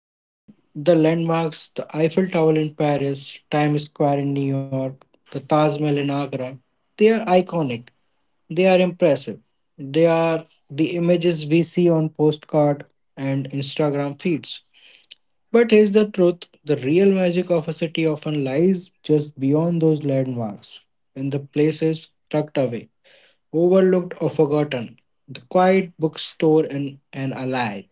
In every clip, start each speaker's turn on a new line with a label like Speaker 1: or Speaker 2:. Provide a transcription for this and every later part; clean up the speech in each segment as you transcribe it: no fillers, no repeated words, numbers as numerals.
Speaker 1: We will know the landmarks, the Eiffel Tower in Paris, Times Square in New York, the Taj Mahal in Agra. They are iconic, they are impressive. They are the images we see on postcard and Instagram feeds. But here's the truth: the real magic of a city often lies just beyond those landmarks, in the places tucked away, overlooked or forgotten. The quiet bookstore in an alley,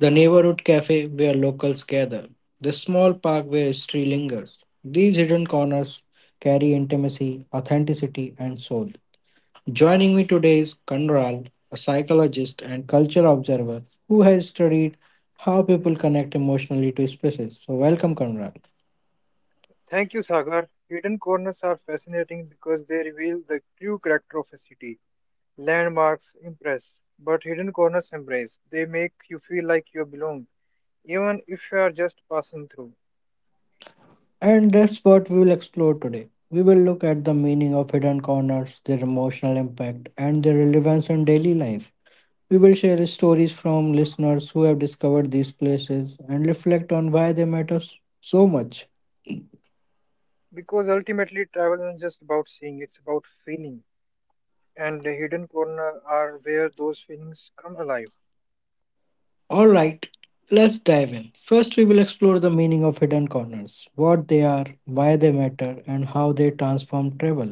Speaker 1: the neighborhood cafe where locals gather, the small park where history lingers. These hidden corners carry intimacy, authenticity, and soul. Joining me today is Conrad, a psychologist and culture observer who has studied how people connect emotionally to spaces. So, welcome, Conrad.
Speaker 2: Thank you, Sagar. Hidden corners are fascinating because they reveal the true character of a city. Landmarks impress, but hidden corners embrace. They make you feel like you belong, even if you are just passing through.
Speaker 1: And that's what we will explore today. We will look at the meaning of hidden corners, their emotional impact, and their relevance in daily life. We will share stories from listeners who have discovered these places and reflect on why they matter so much.
Speaker 2: Because ultimately, travel isn't just about seeing, it's about feeling. And the hidden corners are where those feelings come alive.
Speaker 1: All right, let's dive in. First, we will explore the meaning of hidden corners, what they are, why they matter, and how they transform travel.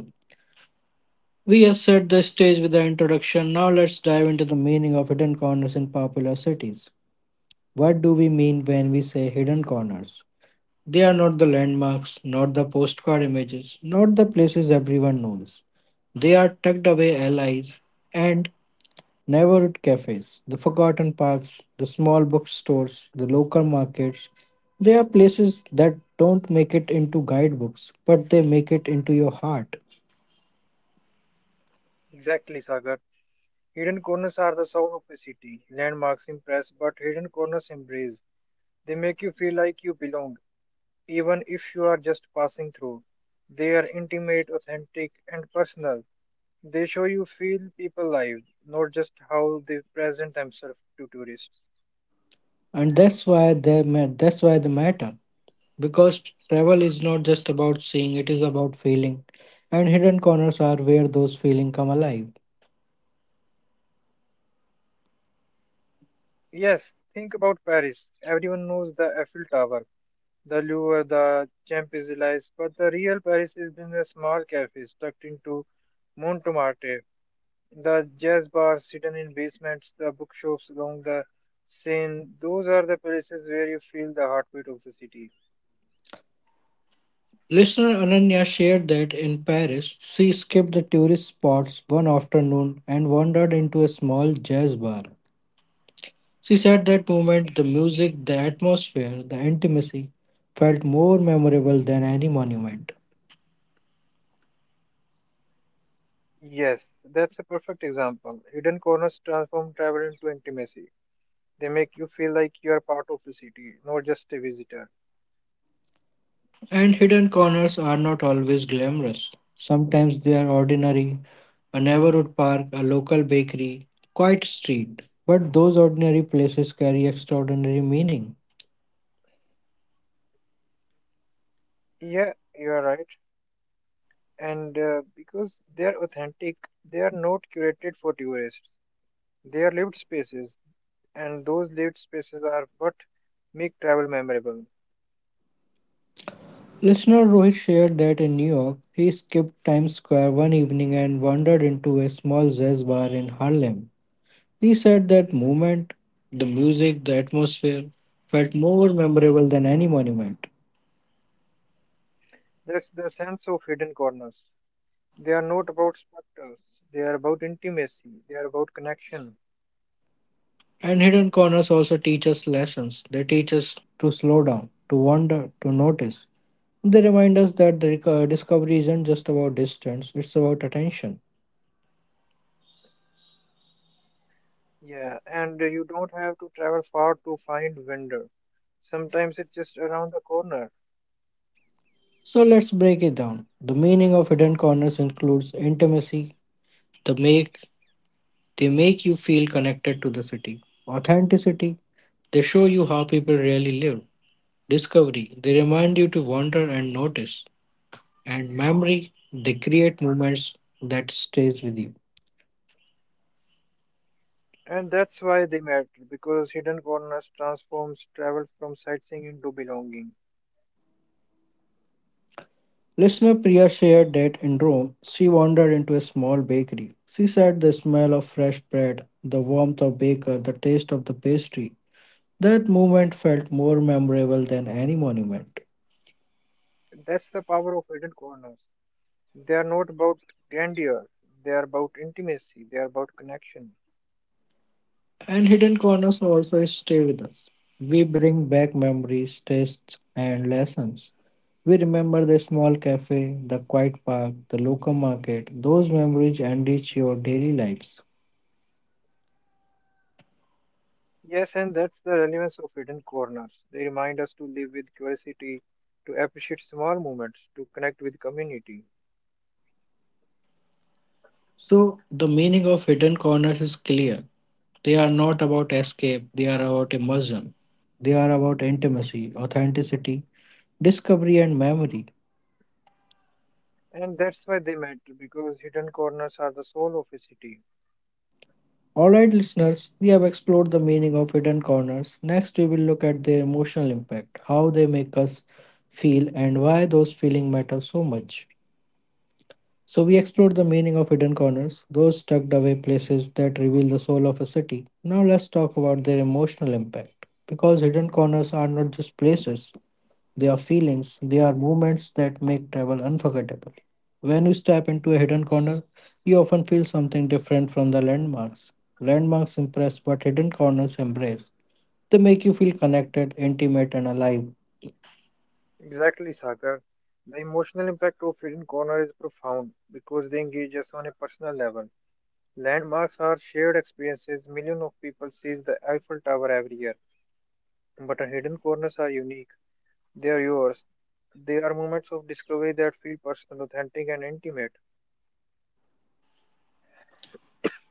Speaker 1: We have set the stage with the introduction. Now, let's dive into the meaning of hidden corners in popular cities. What do we mean when we say hidden corners? They are not the landmarks, not the postcard images, not the places everyone knows. They are tucked away allies and neighborhood cafes, the forgotten parks, the small bookstores, the local markets. They are places that don't make it into guidebooks, but they make it into your heart.
Speaker 2: Exactly, Sagar. Hidden corners are the soul of a city. Landmarks impress, but hidden corners embrace. They make you feel like you belong, even if you are just passing through. They are intimate, authentic, and personal. They show you feel people lives, not just how they present themselves to tourists.
Speaker 1: And that's why they matter. Because travel is not just about seeing, it is about feeling. And hidden corners are where those feelings come alive.
Speaker 2: Yes, think about Paris. Everyone knows the Eiffel Tower, the Louvre, the Champs-Élysées, but the real Paris is in the small cafes tucked into Montmartre, the jazz bars hidden in basements, the bookshops along the Seine. Those are the places where you feel the heartbeat of the city.
Speaker 1: Listener Ananya shared that in Paris, she skipped the tourist spots one afternoon and wandered into a small jazz bar. She said that moment, the music, the atmosphere, the intimacy felt more memorable than any monument.
Speaker 2: Yes, that's a perfect example. Hidden corners transform travel into intimacy. They make you feel like you are part of the city, not just a visitor.
Speaker 1: And hidden corners are not always glamorous. Sometimes they are ordinary, a neighborhood park, a local bakery, a quiet street. But those ordinary places carry extraordinary meaning.
Speaker 2: Yeah, you are right. And because they are authentic, they are not curated for tourists. They are lived spaces, and those lived spaces are what make travel memorable.
Speaker 1: Listener Rohit shared that in New York, he skipped Times Square one evening and wandered into a small jazz bar in Harlem. He said that moment, the music, the atmosphere felt more memorable than any monument.
Speaker 2: That's the sense of hidden corners. They are not about spectacles. They are about intimacy. They are about connection.
Speaker 1: And hidden corners also teach us lessons. They teach us to slow down, to wonder, to notice. They remind us that discovery isn't just about distance, it's about attention.
Speaker 2: Yeah, and you don't have to travel far to find vendor. Sometimes it's just around the corner.
Speaker 1: So let's break it down. The meaning of hidden corners includes intimacy. The make they make you feel connected to the city. Authenticity. They show you how people really live. Discovery, they remind you to wander and notice. And memory, they create moments that stays with you.
Speaker 2: And that's why they matter, because hidden corners transforms travel from sightseeing into belonging.
Speaker 1: Listener Priya shared that in Rome, she wandered into a small bakery. She said the smell of fresh bread, the warmth of baker, the taste of the pastry. That moment felt more memorable than any monument.
Speaker 2: That's the power of hidden corners. They are not about grandeur, they are about intimacy, they are about connection.
Speaker 1: And hidden corners also stay with us. We bring back memories, tastes, and lessons. We remember the small cafe, the quiet park, the local market. Those memories enrich your daily lives.
Speaker 2: Yes, and that's the relevance of hidden corners. They remind us to live with curiosity, to appreciate small moments, to connect with community.
Speaker 1: So, the meaning of hidden corners is clear. They are not about escape, they are about immersion. They are about intimacy, authenticity, discovery, and memory.
Speaker 2: And that's why they matter because hidden corners are the soul of a city.
Speaker 1: Alright, listeners, we have explored the meaning of hidden corners. Next, we will look at their emotional impact, how they make us feel, and why those feelings matter so much. So, we explored the meaning of hidden corners, those tucked away places that reveal the soul of a city. Now, let's talk about their emotional impact. Because hidden corners are not just places, their feelings, their moments that make travel unforgettable. When you step into a hidden corner, you often feel something different from the landmarks. Landmarks impress, but hidden corners embrace. They make you feel connected, intimate, and alive.
Speaker 2: Exactly, Sagar. The emotional impact of hidden corners is profound because they engage us on a personal level. Landmarks are shared experiences. Millions of people see the Eiffel Tower every year. But our hidden corners are unique. They are yours. They are moments of discovery that feel personal, authentic, and intimate.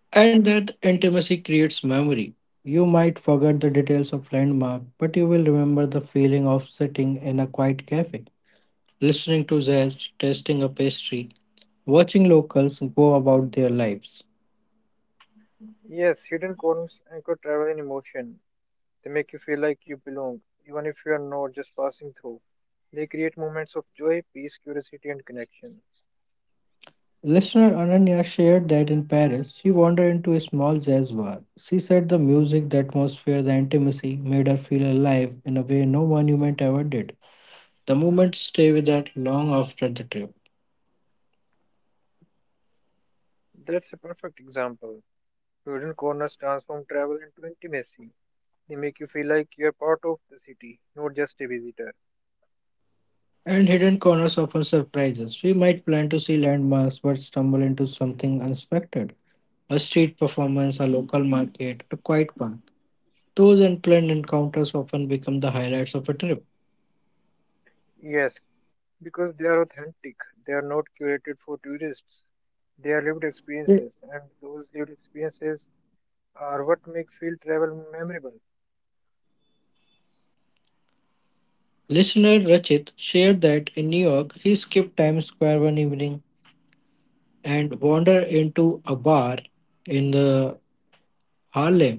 Speaker 1: And that intimacy creates memory. You might forget the details of landmark, but you will remember the feeling of sitting in a quiet cafe, listening to jazz, tasting a pastry, watching locals go about their lives.
Speaker 2: Yes, hidden corners anchor travel in emotion. They make you feel like you belong, even if you are not just passing through. They create moments of joy, peace, curiosity, and connection.
Speaker 1: Listener Ananya shared that in Paris, she wandered into a small jazz bar. She said the music, the atmosphere, the intimacy made her feel alive in a way no monument ever did. The moments stay with her long after the trip.
Speaker 2: That's a perfect example. Student corners transform travel into intimacy. They make you feel like you're part of the city, not just a visitor.
Speaker 1: And hidden corners often surprise us. We might plan to see landmarks but stumble into something unexpected. A street performance, a local market, a quiet park. Those unplanned encounters often become the highlights of a trip.
Speaker 2: Yes, because they are authentic. They are not curated for tourists. They are lived experiences, and those lived experiences are what make field travel memorable.
Speaker 1: Listener Rachit shared that in New York, he skipped Times Square one evening and wandered into a bar in the Harlem.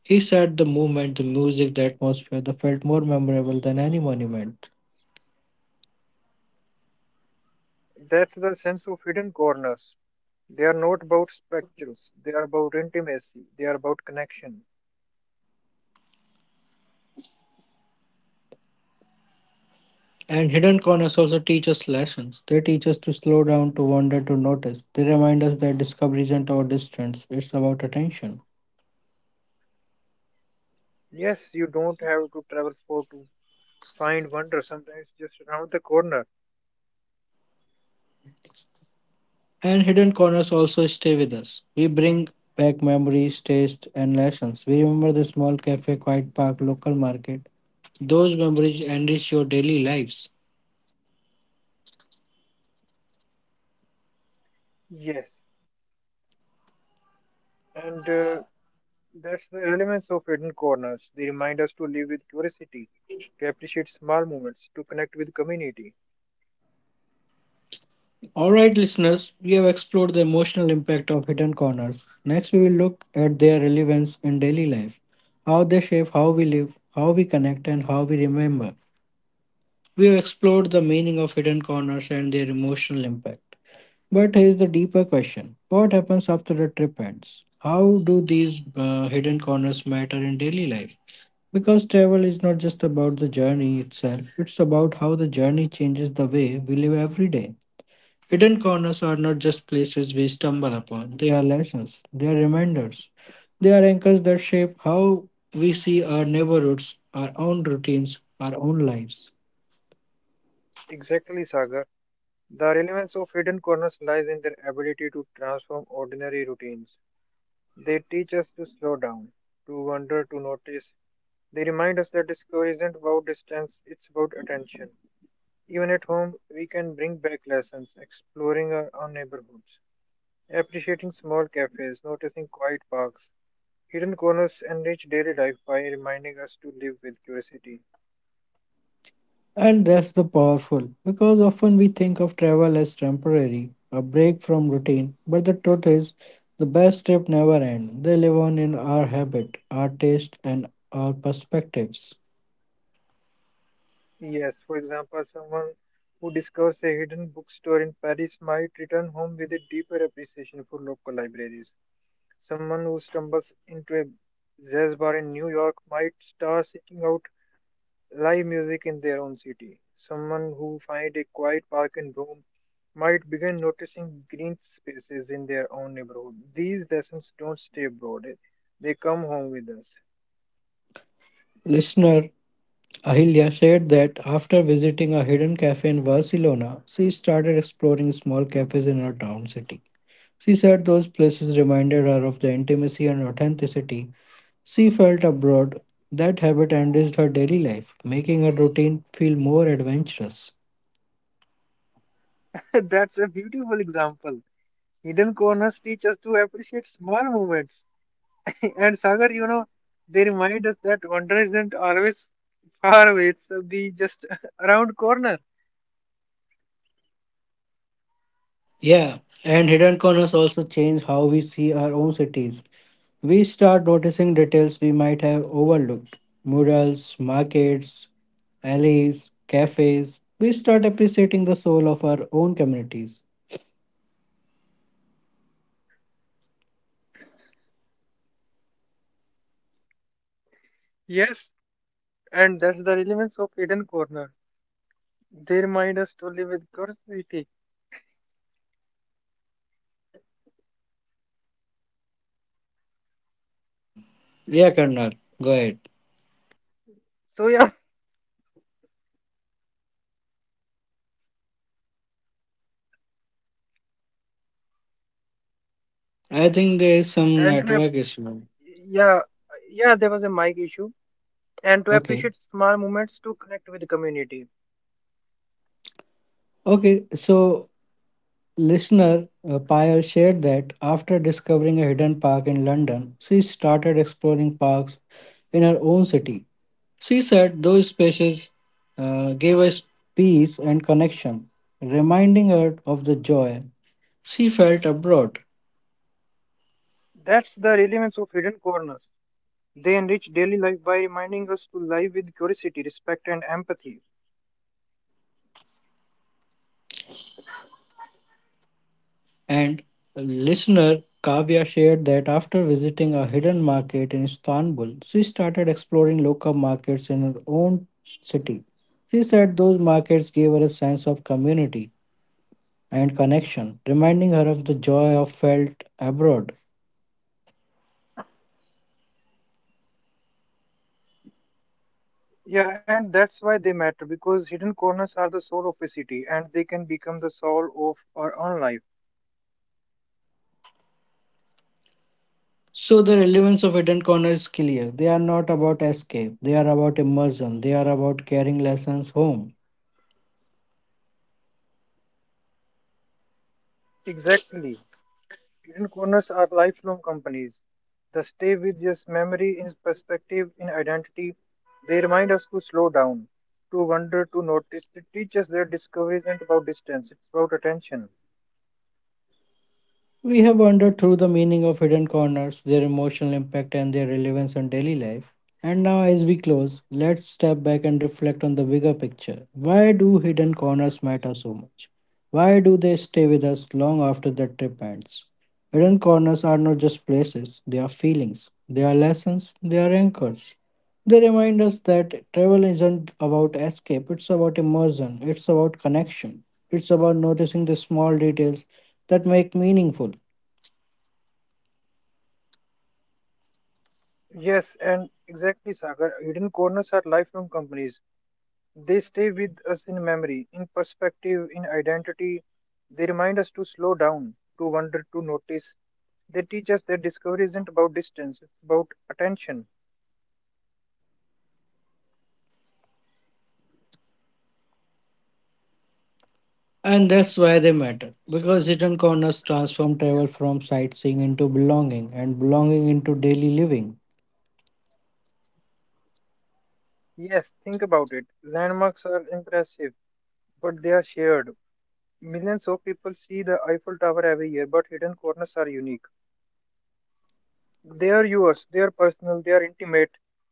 Speaker 1: He said the movement, the music, the atmosphere that felt more memorable than any monument.
Speaker 2: That's the sense of hidden corners. They are not about spectacles. They are about intimacy. They are about connection.
Speaker 1: And hidden corners also teach us lessons. They teach us to slow down, to wander, to notice. They remind us that discovery isn't about distance, it's about attention.
Speaker 2: Yes, you don't have to travel far to find wonder. Sometimes just around the corner.
Speaker 1: And hidden corners also stay with us. We bring back memories, tastes, and lessons. We remember the small cafe, quiet park, local market. Those memories enrich your daily lives.
Speaker 2: Yes, and that's the elements of hidden corners. They remind us to live with curiosity, to appreciate small moments, to connect with community.
Speaker 1: Alright, listeners, we have explored the emotional impact of hidden corners. Next, we will look at their relevance in daily life, how they shape how we live, how we connect, and how we remember. We have explored the meaning of hidden corners and their emotional impact. But here's the deeper question: what happens after the trip ends? How do these hidden corners matter in daily life? Because travel is not just about the journey itself, it's about how the journey changes the way we live every day. Hidden corners are not just places we stumble upon, they are lessons, they are reminders, they are anchors that shape how we see our neighborhoods, our own routines, our own lives.
Speaker 2: Exactly, Sagar. The relevance of hidden corners lies in their ability to transform ordinary routines. They teach us to slow down, to wonder, to notice. They remind us that discovery isn't about distance, it's about attention. Even at home, we can bring back lessons, exploring our own neighborhoods, appreciating small cafes, noticing quiet parks, hidden corners, and rich daily life by reminding us to live with curiosity.
Speaker 1: And that's the powerful because often we think of travel as temporary, a break from routine, but the truth is the best trip never end. They live on in our habit, our taste and our perspectives.
Speaker 2: Yes, for example, someone who discovers a hidden bookstore in Paris might return home with a deeper appreciation for local libraries. Someone who stumbles into a jazz bar in New York might start seeking out live music in their own city. Someone who finds a quiet park in Rome might begin noticing green spaces in their own neighborhood. These lessons don't stay abroad, they come home with us.
Speaker 1: Listener Ahilya shared that after visiting a hidden cafe in Barcelona, she started exploring small cafes in her town city. She said those places reminded her of the intimacy and authenticity she felt abroad. That habit enriched her daily life, making her routine feel more adventurous.
Speaker 2: That's a beautiful example. Hidden corners teach us to appreciate small moments. And Sagar, you know, they remind us that wonder isn't always far away, it's be just around corner.
Speaker 1: Yeah, and hidden corners also change how we see our own cities. We start noticing details we might have overlooked murals, markets, alleys, cafes. We start appreciating the soul of our own communities.
Speaker 2: Yes, and that's the relevance of hidden Corner. They remind us to live with curiosity.
Speaker 1: Yeah, Karnal, go ahead.
Speaker 2: So yeah,
Speaker 1: I think there is some
Speaker 2: and to,
Speaker 1: network issue.
Speaker 2: yeah, yeah, there was a mic issue, and to
Speaker 1: Okay.
Speaker 2: appreciate small moments to connect with the community.
Speaker 1: Okay, so listener Payal shared that after discovering a hidden park in London, she started exploring parks in her own city. She said those spaces gave us peace and connection, reminding her of the joy she felt abroad.
Speaker 2: That's the relevance of Hidden Corners. They enrich daily life by reminding us to live with curiosity, respect, and empathy.
Speaker 1: And listener Kavya shared that after visiting a hidden market in Istanbul, she started exploring local markets in her own city. She said those markets gave her a sense of community and connection, reminding her of the joy of felt abroad.
Speaker 2: Yeah, and that's why they matter because hidden corners are the soul of a city, and they can become the soul of our own life.
Speaker 1: So the relevance of hidden corner is clear. They are not about escape, they are about immersion, they are about carrying lessons home.
Speaker 2: Exactly. Hidden corners are lifelong companies. They stay with us memory in perspective, in identity. They remind us to slow down, to wonder, to notice. They teach us that discovery isn't about distance. It's about attention.
Speaker 1: We have wandered through the meaning of hidden corners, their emotional impact, and their relevance on daily life. And now, as we close, let's step back and reflect on the bigger picture. Why do hidden corners matter so much? Why do they stay with us long after the trip ends? Hidden corners are not just places, they are feelings, they are lessons, they are anchors. They remind us that travel isn't about escape, it's about immersion, it's about connection, it's about noticing the small details that make meaningful.
Speaker 2: Yes, and exactly, Sagar. Hidden corners are lifelong companies. They stay with us in memory, in perspective, in identity. They remind us to slow down, to wonder, to notice. They teach us that discovery isn't about distance, it's about attention.
Speaker 1: And that's why they matter because
Speaker 2: So,
Speaker 1: hidden corners transform
Speaker 2: yeah.
Speaker 1: travel from sightseeing into belonging and belonging into daily living.
Speaker 2: Yes, think about it. Landmarks are impressive, but they are shared. Millions of people see the Eiffel Tower every year, but hidden corners are unique. They are yours, they are personal, they are intimate.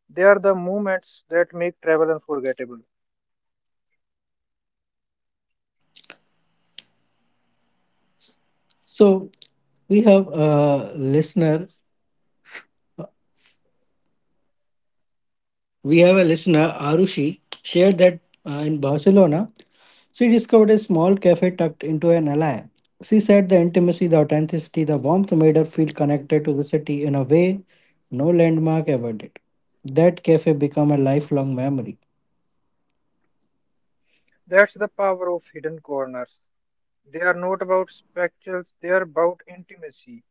Speaker 2: They are the moments that make travel unforgettable.
Speaker 1: So we have a listener, we have a listener, Arushi, shared that in Barcelona, she discovered a small cafe tucked into an alley. She said the intimacy, the authenticity, the warmth made her feel connected to the city in a way no landmark ever did. That cafe became a lifelong memory.
Speaker 2: That's the power of hidden corners. They are not about spectacles, they are about intimacy.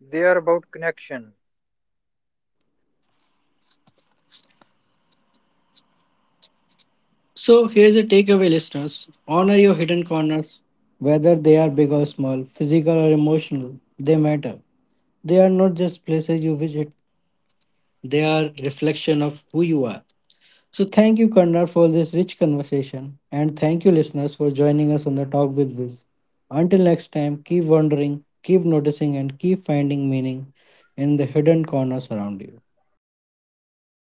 Speaker 2: They are about connection.
Speaker 1: So here's a takeaway, listeners. Honor your hidden corners, whether they are big or small, physical or emotional, they matter. They are not just places you visit, they are reflection of who you are. So thank you, Karnar, for this rich conversation. And thank you, listeners, for joining us on the Talk with Viz. Until next time, keep wondering, keep noticing, and keep finding meaning in the hidden corners around you.